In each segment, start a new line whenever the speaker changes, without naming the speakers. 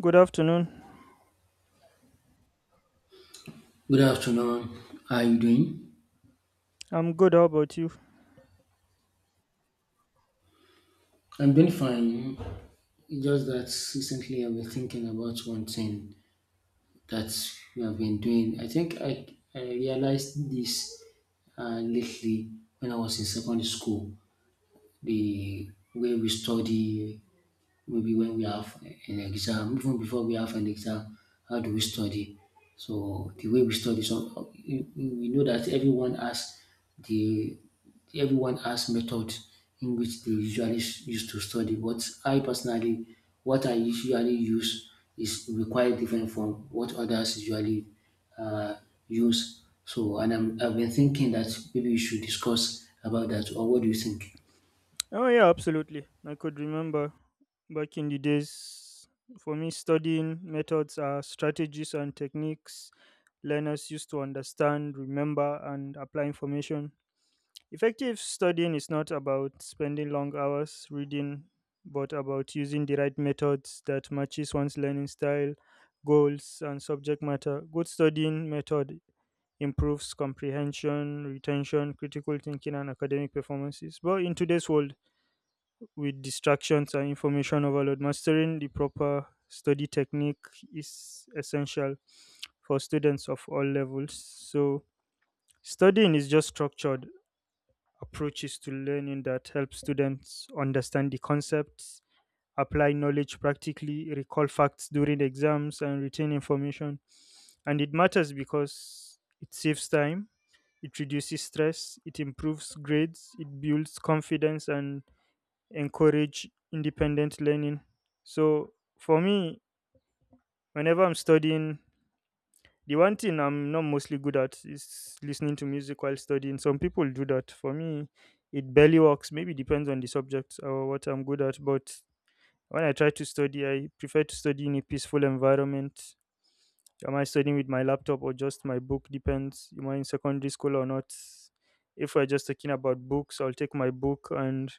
Good afternoon.
Good afternoon. How are you doing?
I'm good. How about you?
I'm doing fine. It's just that recently I've been thinking about one thing that we have been doing. I think I realized this lately when I was in secondary school. The way we study, maybe when we have an exam, even before we have an exam, how do we study? So the way we study, we know that everyone has the everyone has method in which they usually use to study. But I personally, what I usually use is require different from what others usually uh, use. I've been thinking that maybe we should discuss about that. Or what do you think?
Oh, yeah, absolutely. I could remember back in the days. For me, studying methods are strategies and techniques learners used to understand, remember, and apply information. Effective studying is not about spending long hours reading, but about using the right methods that matches one's learning style, goals, and subject matter. Good studying method improves comprehension, retention, critical thinking, and academic performances. But in today's world, with distractions and information overload, mastering the proper study technique is essential for students of all levels. So, studying is just structured approaches to learning that help students understand the concepts, apply knowledge practically, recall facts during exams, and retain information. And it matters because it saves time. It reduces stress, it improves grades, it builds confidence, and encourage independent learning. So for me, whenever I'm studying, the one thing I'm not mostly good at is listening to music while studying. Some people do that. For me, it barely works. Maybe depends on the subject or what I'm good at, but when I try to study, I prefer to study in a peaceful environment. Am I studying with my laptop or just my book? Depends. Am I in secondary school or not? If we're just talking about books, I'll take my book and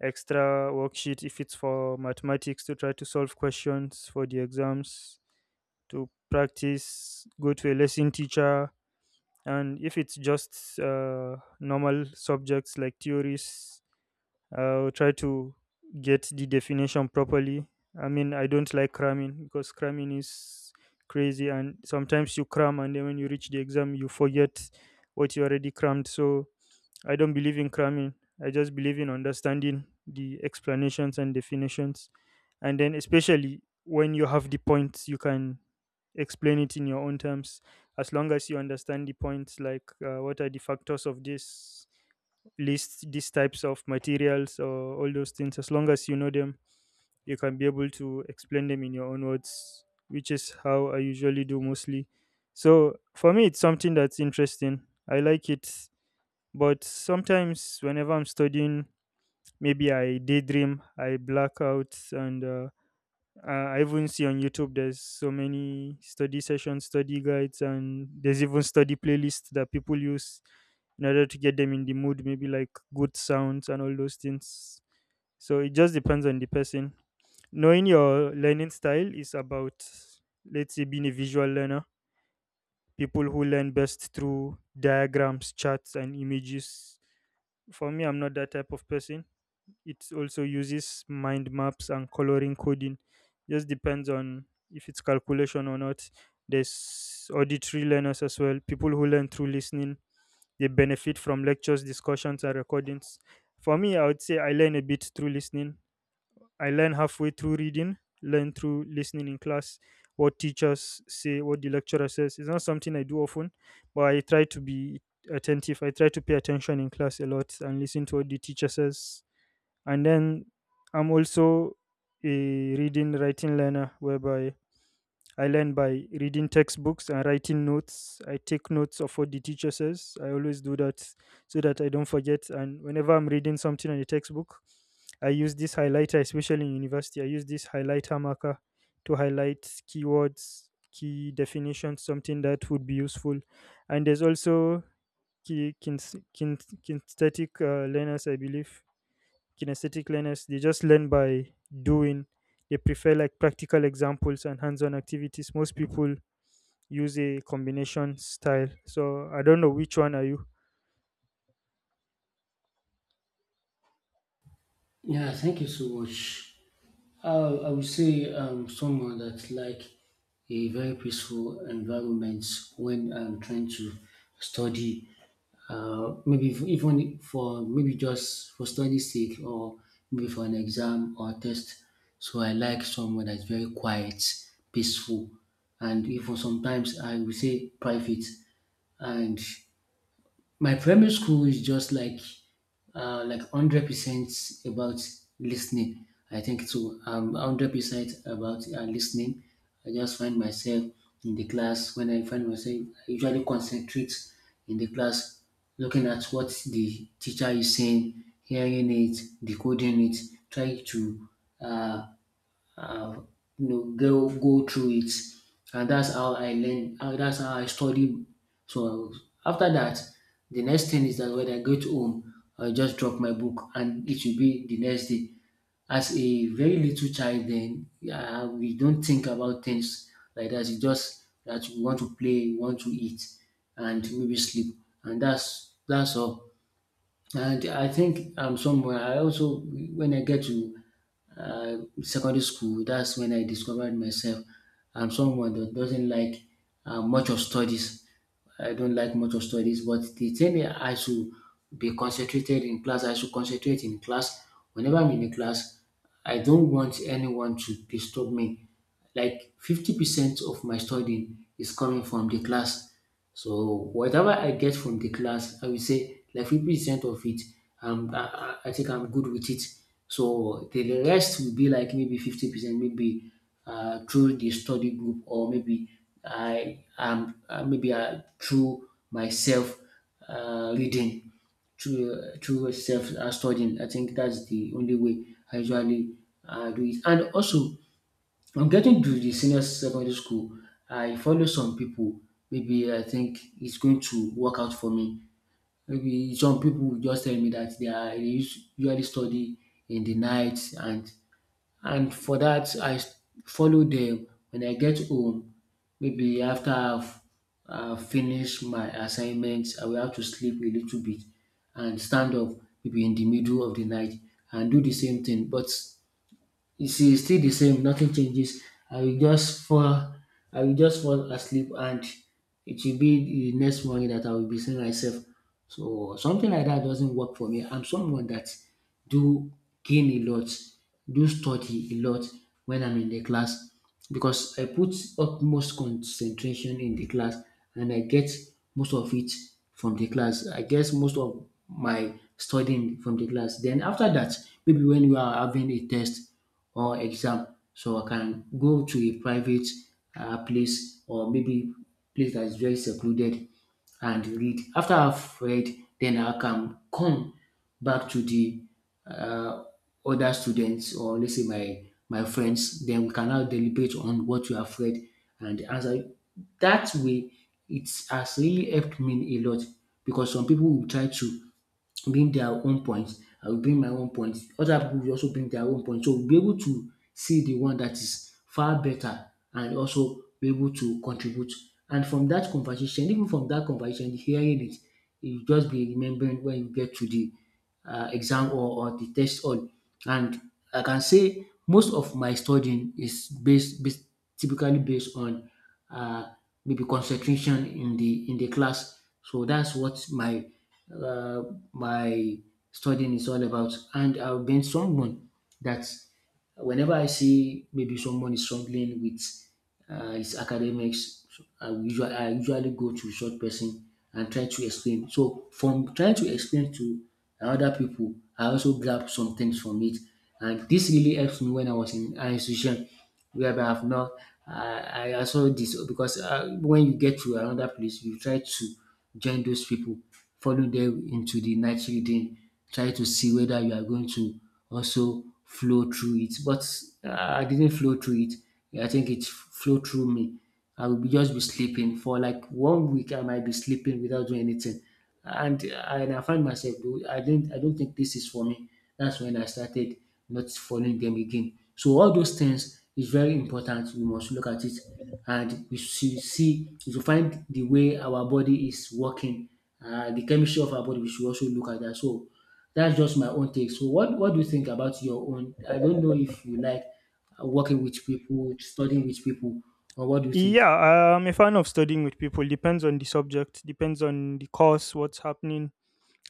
extra worksheet if it's for mathematics to try to solve questions for the exams, to practice, go to a lesson teacher. And if it's just normal subjects like theories, I'll try to get the definition properly. I mean, I don't like cramming because cramming is crazy, and sometimes you cram and then when you reach the exam, you forget what you already crammed. So I don't believe in cramming. I just believe in understanding the explanations and definitions, and then especially when you have the points, you can explain it in your own terms as long as you understand the points, like what are the factors of this, list these types of materials, or all those things. As long as you know them, you can be able to explain them in your own words, which is how I usually do mostly. So for me, it's something that's interesting. I like it, but sometimes whenever I'm studying, maybe I daydream, I black out, and I even see on YouTube there's so many study sessions, study guides, and there's even study playlists that people use in order to get them in the mood, maybe like good sounds and all those things. So it just depends on the person. Knowing your learning style is about, let's say, being a visual learner, people who learn best through diagrams, charts, and images. For me, I'm not that type of person. It also uses mind maps and coloring coding. Just depends on if it's calculation or not. There's auditory learners as well. People who learn through listening, they benefit from lectures, discussions, and recordings. For me, I would say I learn a bit through listening. I learn halfway through reading, learn through listening in class, what teachers say, what the lecturer says. It's not something I do often, but I try to be attentive. I try to pay attention in class a lot and listen to what the teacher says. And then I'm also a reading writing learner, whereby I learn by reading textbooks and writing notes. I take notes of what the teacher says. I always do that so that I don't forget. And whenever I'm reading something in a textbook, I use this highlighter, especially in university. I use this highlighter marker to highlight keywords, key definitions, something that would be useful. And there's also ki- kins- kin kinesthetic learners, I believe. Kinesthetic learners, they just learn by doing. They prefer like practical examples and hands-on activities. Most people use a combination style, so I don't know which one are you.
Yeah, thank you so much. I would say someone that like a very peaceful environment when I'm trying to study. Maybe even for maybe just for study sake or maybe for an exam or test. So I like someone that's very quiet, peaceful, and even sometimes I would say private. And my primary school is just like 100% about listening. I think so. 100% about listening. I just find myself in the class when I find myself. I usually concentrate in the class, looking at what the teacher is saying, hearing it, decoding it, trying to uh, uh, you know go through it. And that's how I learn and that's how I study. So after that, the next thing is that when I get home I just drop my book and it will be the next day. As a very little child then, yeah, we don't think about things like that. It's just that we want to play, we want to eat and maybe sleep, and that's all. And I think I'm somewhere. I also when I get to uh, secondary school, that's when I discovered myself. I'm someone that doesn't like much of studies. I don't like much of studies, but the thing that I should be concentrated in class, I should concentrate in class. Whenever I'm in a class, I don't want anyone to disturb me. Like 50% of my studying is coming from the class. So whatever I get from the class, I will say like 50% of it, um, I, I think I'm good with it. So the rest will be like maybe 50%, maybe through the study group or maybe I am maybe through myself reading through self studying. I think that's the only way I usually do it. And also on getting to the senior secondary school, I follow some people. Maybe I think it's going to work out for me. Maybe some people will just tell me that they are dey usually study in the night and for that, follow them when I get home. Maybe after I've finished my assignments, I will have to sleep a little bit and stand up maybe in the middle of the night and do the same thing. But you see, it's still the same. Nothing changes. I will just fall. I will just fall asleep, and it will be the next morning that I will be seeing myself. So something like that doesn't work for me. I'm someone that do gain a lot, do study a lot when I'm in the class, because I put utmost concentration in the class and I get most of it from the class. I get most of my studying from the class. Then after that, maybe when we are having a test or exam. So I can go to a private place or maybe place that is very secluded and read. After I've read, then I can come back to the uh, other students, or let's say my friends. Then we can now deliberate on what you have read and answer. That way, it has really helped me a lot because some people will try to bring their own points, I will bring my own points, other pipu will also bring their own points. So we will be able to see the one that is far better and also be able to contribute. And from dat conversation, even from dat conversation hearing it, you just be remembering when you get to the exam, or the test hall. And I can say most of my studying is based typically based on uh, maybe concentration in the class. So that's what my uh, my studying is all about. And I've been someone that whenever I see maybe someone is struggling with his academics, so I usually go to such person and try to explain. So from trying to explain to other people, I also grab some things from it, and this really helps me when I was in an institution whereby I've not. I also this because when you get to another place, you try to join those people, follow them into the night reading, try to see whether you are going to also flow through it. But I didn't flow through it. I think it flow through me. I will be just be sleeping for like 1 week. I might be sleeping without doing anything, and I find myself do I didn't I don't think this is for me. That's when I started not following them again. So all those things is very important. We must look at it, and we should find the way our body is working. The chemistry of our body we should also look at that. So that's just my own take. So what do you think about your own? I don't know if you like working with people, studying with people, or what do you think?
Yeah, I'm a fan of studying with people. Depends on the subject, depends on the course, what's happening,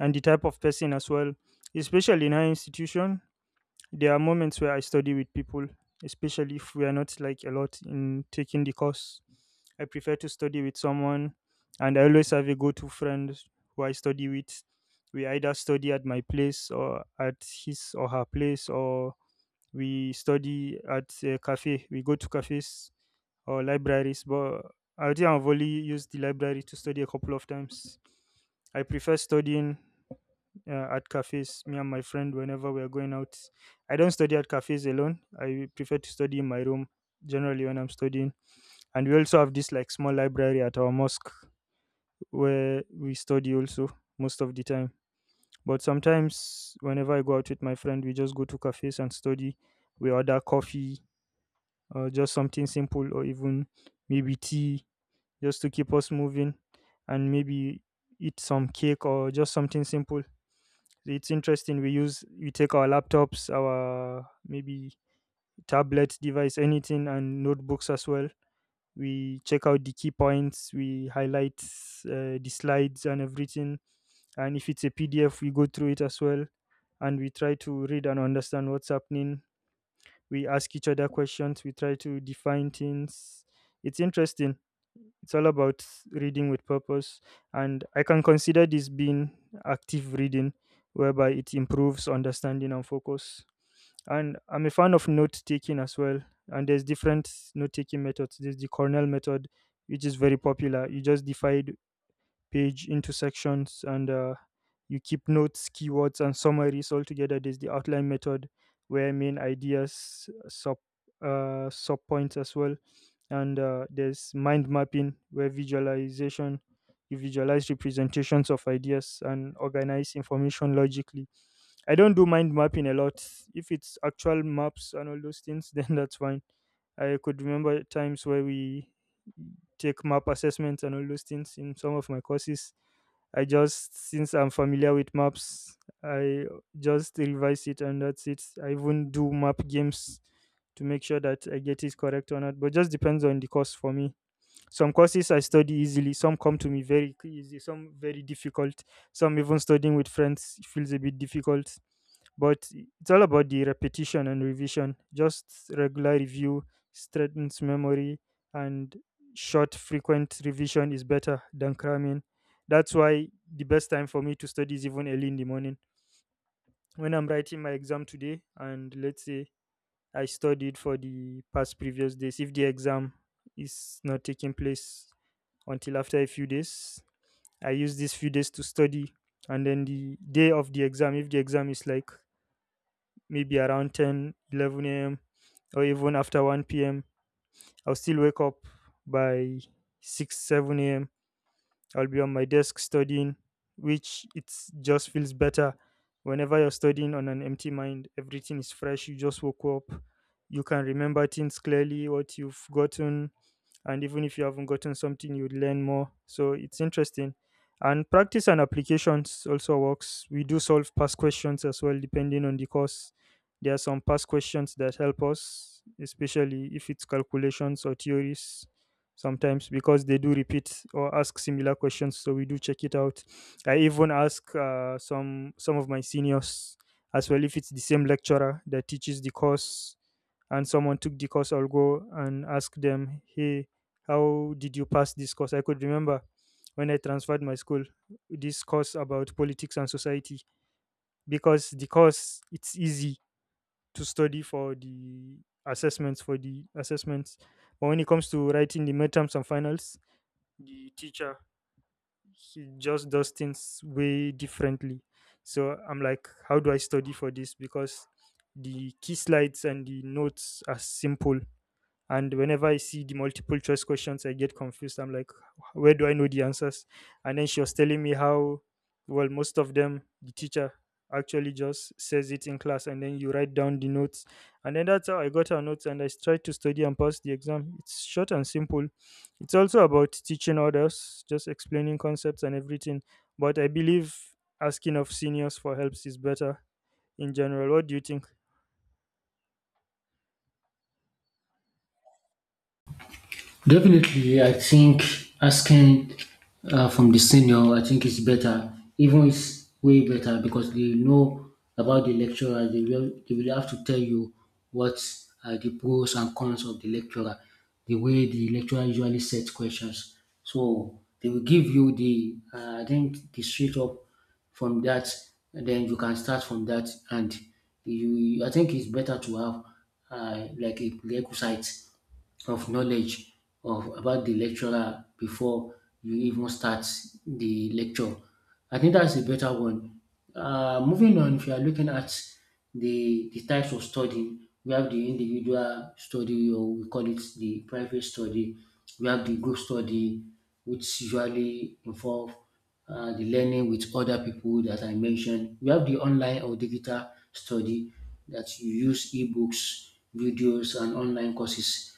and the type of person as well. Especially in our institution, there are moments where I study with people, especially if we are not like a lot in taking the course. I prefer to study with someone, and I always have a go to friend who I study with. We either study at my place or at his or her place, or we study at a cafe. We go to cafes or libraries, but I think I've only used the library to study a couple of times. I prefer studying at cafes me and my friend whenever we are going out. I don't study at cafes alone. I prefer to study in my room generally when I'm studying. And we also have this like small library at our mosque where we study also most of the time. But sometimes whenever I go out with my friend, we just go to cafes and study. We order coffee or just something simple, or even maybe tea, just to keep us moving, and maybe eat some cake or just something simple. It's interesting. We use we take our laptops, our maybe tablet device, anything, and notebooks as well. We check out the key points. We highlight the slides and everything. And if it's a PDF, we go through it as well. And we try to read and understand what's happening. We ask each other questions. We try to define things. It's interesting. It's all about reading with purpose. And I can consider this being active reading, whereby it improves understanding and focus. And I'm a fan of note taking as well. And there's different note taking methods. There's the Cornell method, which is very popular. You just divide page into sections, and you keep notes, keywords, and summaries all together. There's the outline method where main ideas, sub points as well, and there's mind mapping, where visualization. You visualize representations of ideas and organize information logically. I don't do mind mapping a lot. If it's actual maps and all those things, then that's fine. I could remember times where we take map assessments and all those things in some of my courses. I just, since I'm familiar with maps, I just revise it and that's it. I even do map games to make sure that I get it correct or not. But just depends on the course for me. Some courses I study easily, some come to me very easy, some very difficult. Some even studying with friends feels a bit difficult. But it's all about the repetition and revision. Just regular review strengthens memory, and short, frequent revision is better than cramming. That's why the best time for me to study is even early in the morning. When I'm writing my exam today, and let's say I studied for the past previous days, if the exam is not taking place until after a few days. I use these few days to study. And then the day of the exam, if the exam is like maybe around 10, 11 a.m., or even after 1 p.m., I'll still wake up by 6, 7 a.m. I'll be on my desk studying, which it just feels better. Whenever you're studying on an empty mind, everything is fresh. You just woke up. You can remember things clearly, what you've gotten, and even if you haven't gotten something, you learn more. So it's interesting. And practice and applications also works. We do solve past questions as well, depending on the course. There are some past questions that help us, especially if it's calculations or theories. Sometimes because they do repeat or ask similar questions, so we do check it out. I even ask some of my seniors as well. If it's the same lecturer that teaches the course and someone took the course, I'll go and ask them, hey, how did you pass this course? I could remember when I transferred my school, this course about politics and society, because the course, it's easy to study for the assessments, but when it comes to writing the midterms and finals, the teacher, he just does things way differently. So I'm like, how do I study for this? Because the key slides and the notes are simple, and whenever I see the multiple choice questions, I get confused. I'm like, where do I know the answers? And then she was telling me how, well, most of them, the teacher actually just says it in class, and then you write down the notes. And then that's how I got her notes, and I tried to study and pass the exam. It's short and simple. It's also about teaching others, just explaining concepts and everything. But I believe asking of seniors for helps is better in general. What do you think?
Definitely, I think asking from the senior, I think it's better. Even it's way better because they know about the lecturer. They will have to tell you what are the pros and cons of the lecturer, the way the lecturer usually sets questions. So they will give you the I think the straight up from that. And then you can start from that, and you I think it's better to have like a prerequisite of knowledge of about the lecturer before you even start the lecture. I think that's a better one. Moving on, if you are looking at the types of study, we have the individual study, or we call it the private study. We have the group study, which usually involve the learning with other people that I mentioned. We have the online or digital study that you use ebooks, videos, and online courses,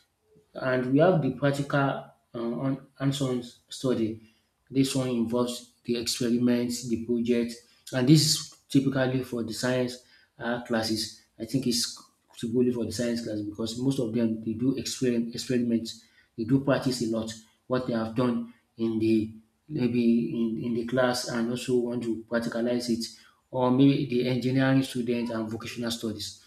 and we have the practical hands-on study. This one involves the experiments, the project, and this is typically for the science classes. I think it's typically for the science class because most of them they do experiments, they do practice a lot what they have done in the maybe in the class and also want to practicalize it, or maybe the engineering students and vocational studies.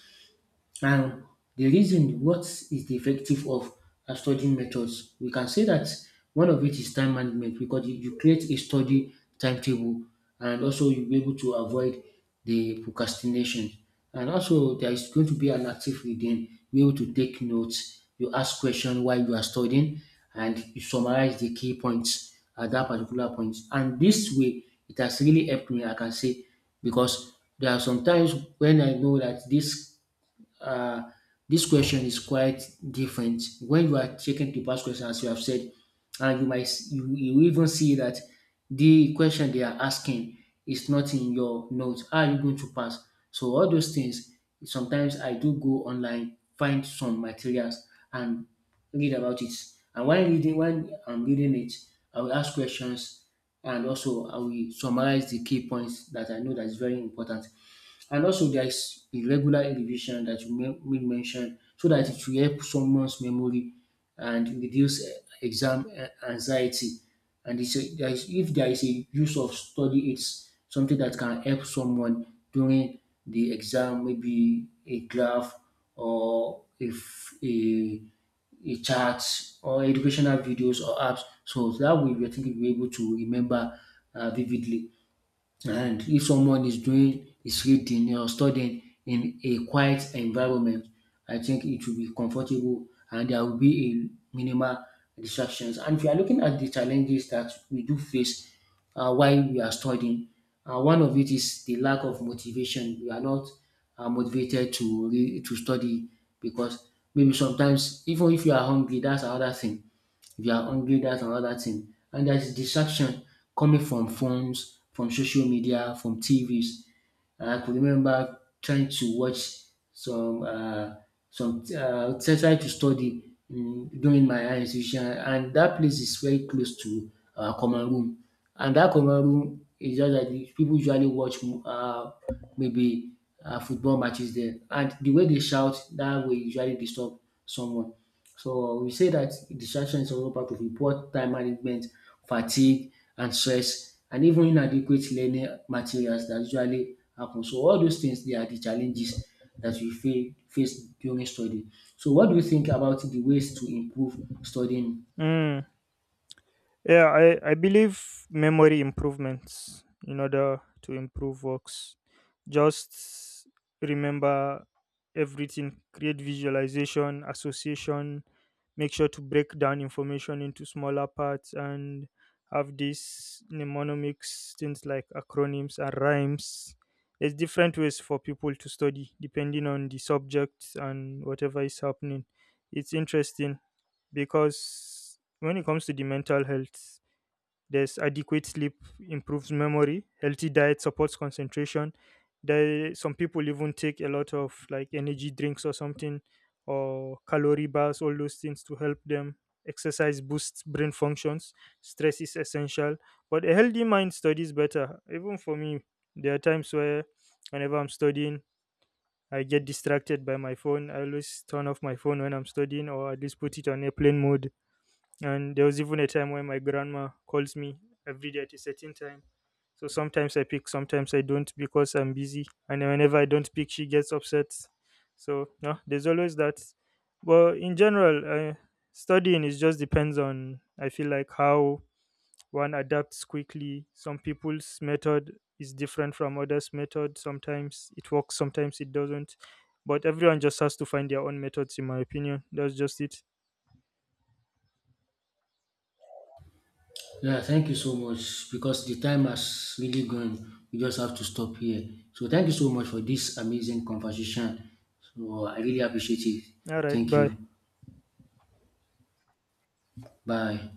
And the reason what is the effective of studying methods, we can say that one of it is time management because you create a study timetable and also you'll be able to avoid the procrastination. And also there is going to be an active reading, you're able to take notes, you ask questions while you are studying and you summarize the key points at that particular point. And this way it has really helped me, I can say, because there are some times when I know that uh, this question is quite different. When you are checking the past question, as you have said, and you might you even see that the question they are asking is not in your notes. How are you going to pass? So all those things. Sometimes I do go online, find some materials, and read about it. And when I'm reading it, I will ask questions and also I will summarize the key points that I know that is very important. And also there is a regular revision that you made mention so that it will help someone's memory and reduce exam anxiety. And it's a, there is, if there is a use of study it's something that can help someone during the exam, maybe a graph or if a chart or educational videos or apps. So that way, we think we'll be able to remember vividly. And if someone is doing is reading or studying in a quiet environment, I think it will be comfortable and there will be a minimal distractions. And if you are looking at the challenges that we do face while we are studying, one of it is the lack of motivation. We are not motivated to to study because maybe sometimes even if you are hungry, that's another thing, if you are hungry, that's another thing. And there's distraction coming from phones, from social media, from TVs. I could remember trying to watch some uh, some try to study during my higher institution, and that place is very close to our common room. And that common room is just that the people usually watch mo- maybe football matches there. And the way they shout, that will usually disturb someone. So we say that distraction is also part of a poor time management, fatigue, and stress, and even inadequate learning materials that usually happen. So all those things they are the challenges that we face during study. So what do you think about the ways to improve studying?
Mm. Yeah, I believe memory improvements in order to improve works. Just remember everything, create visualization, association, make sure to break down information into smaller parts, and have these mnemonics, things like acronyms and rhymes. There's different ways for people to study depending on the subject and whatever is happening. It's interesting because when it comes to the mental health, there's adequate sleep improves memory, healthy diet supports concentration. There some people even take a lot of like energy drinks or something or calorie bars, all those things to help them. Exercise boosts brain functions. Stress is essential. But a healthy mind studies better. Even for me, there are times where whenever I'm studying, I get distracted by my phone. I always turn off my phone when I'm studying, or at least put it on airplane mode. And there was even a time when my grandma calls me every day at a certain time. So sometimes I pick, sometimes I don't because I'm busy. And then whenever I don't pick, she gets upset. So no, there's always that. But in general, studying is just depends on, I feel like, how one adapts quickly. Some people's method is different from others' method. Sometimes it works, sometimes it doesn't. But everyone just has to find their own methods, in my opinion. That's just it.
Yeah, thank you so much because the time has really gone. We just have to stop here. So thank you so much for this amazing conversation. So I really appreciate it.
All right,
Thank you.
bye.
Bye.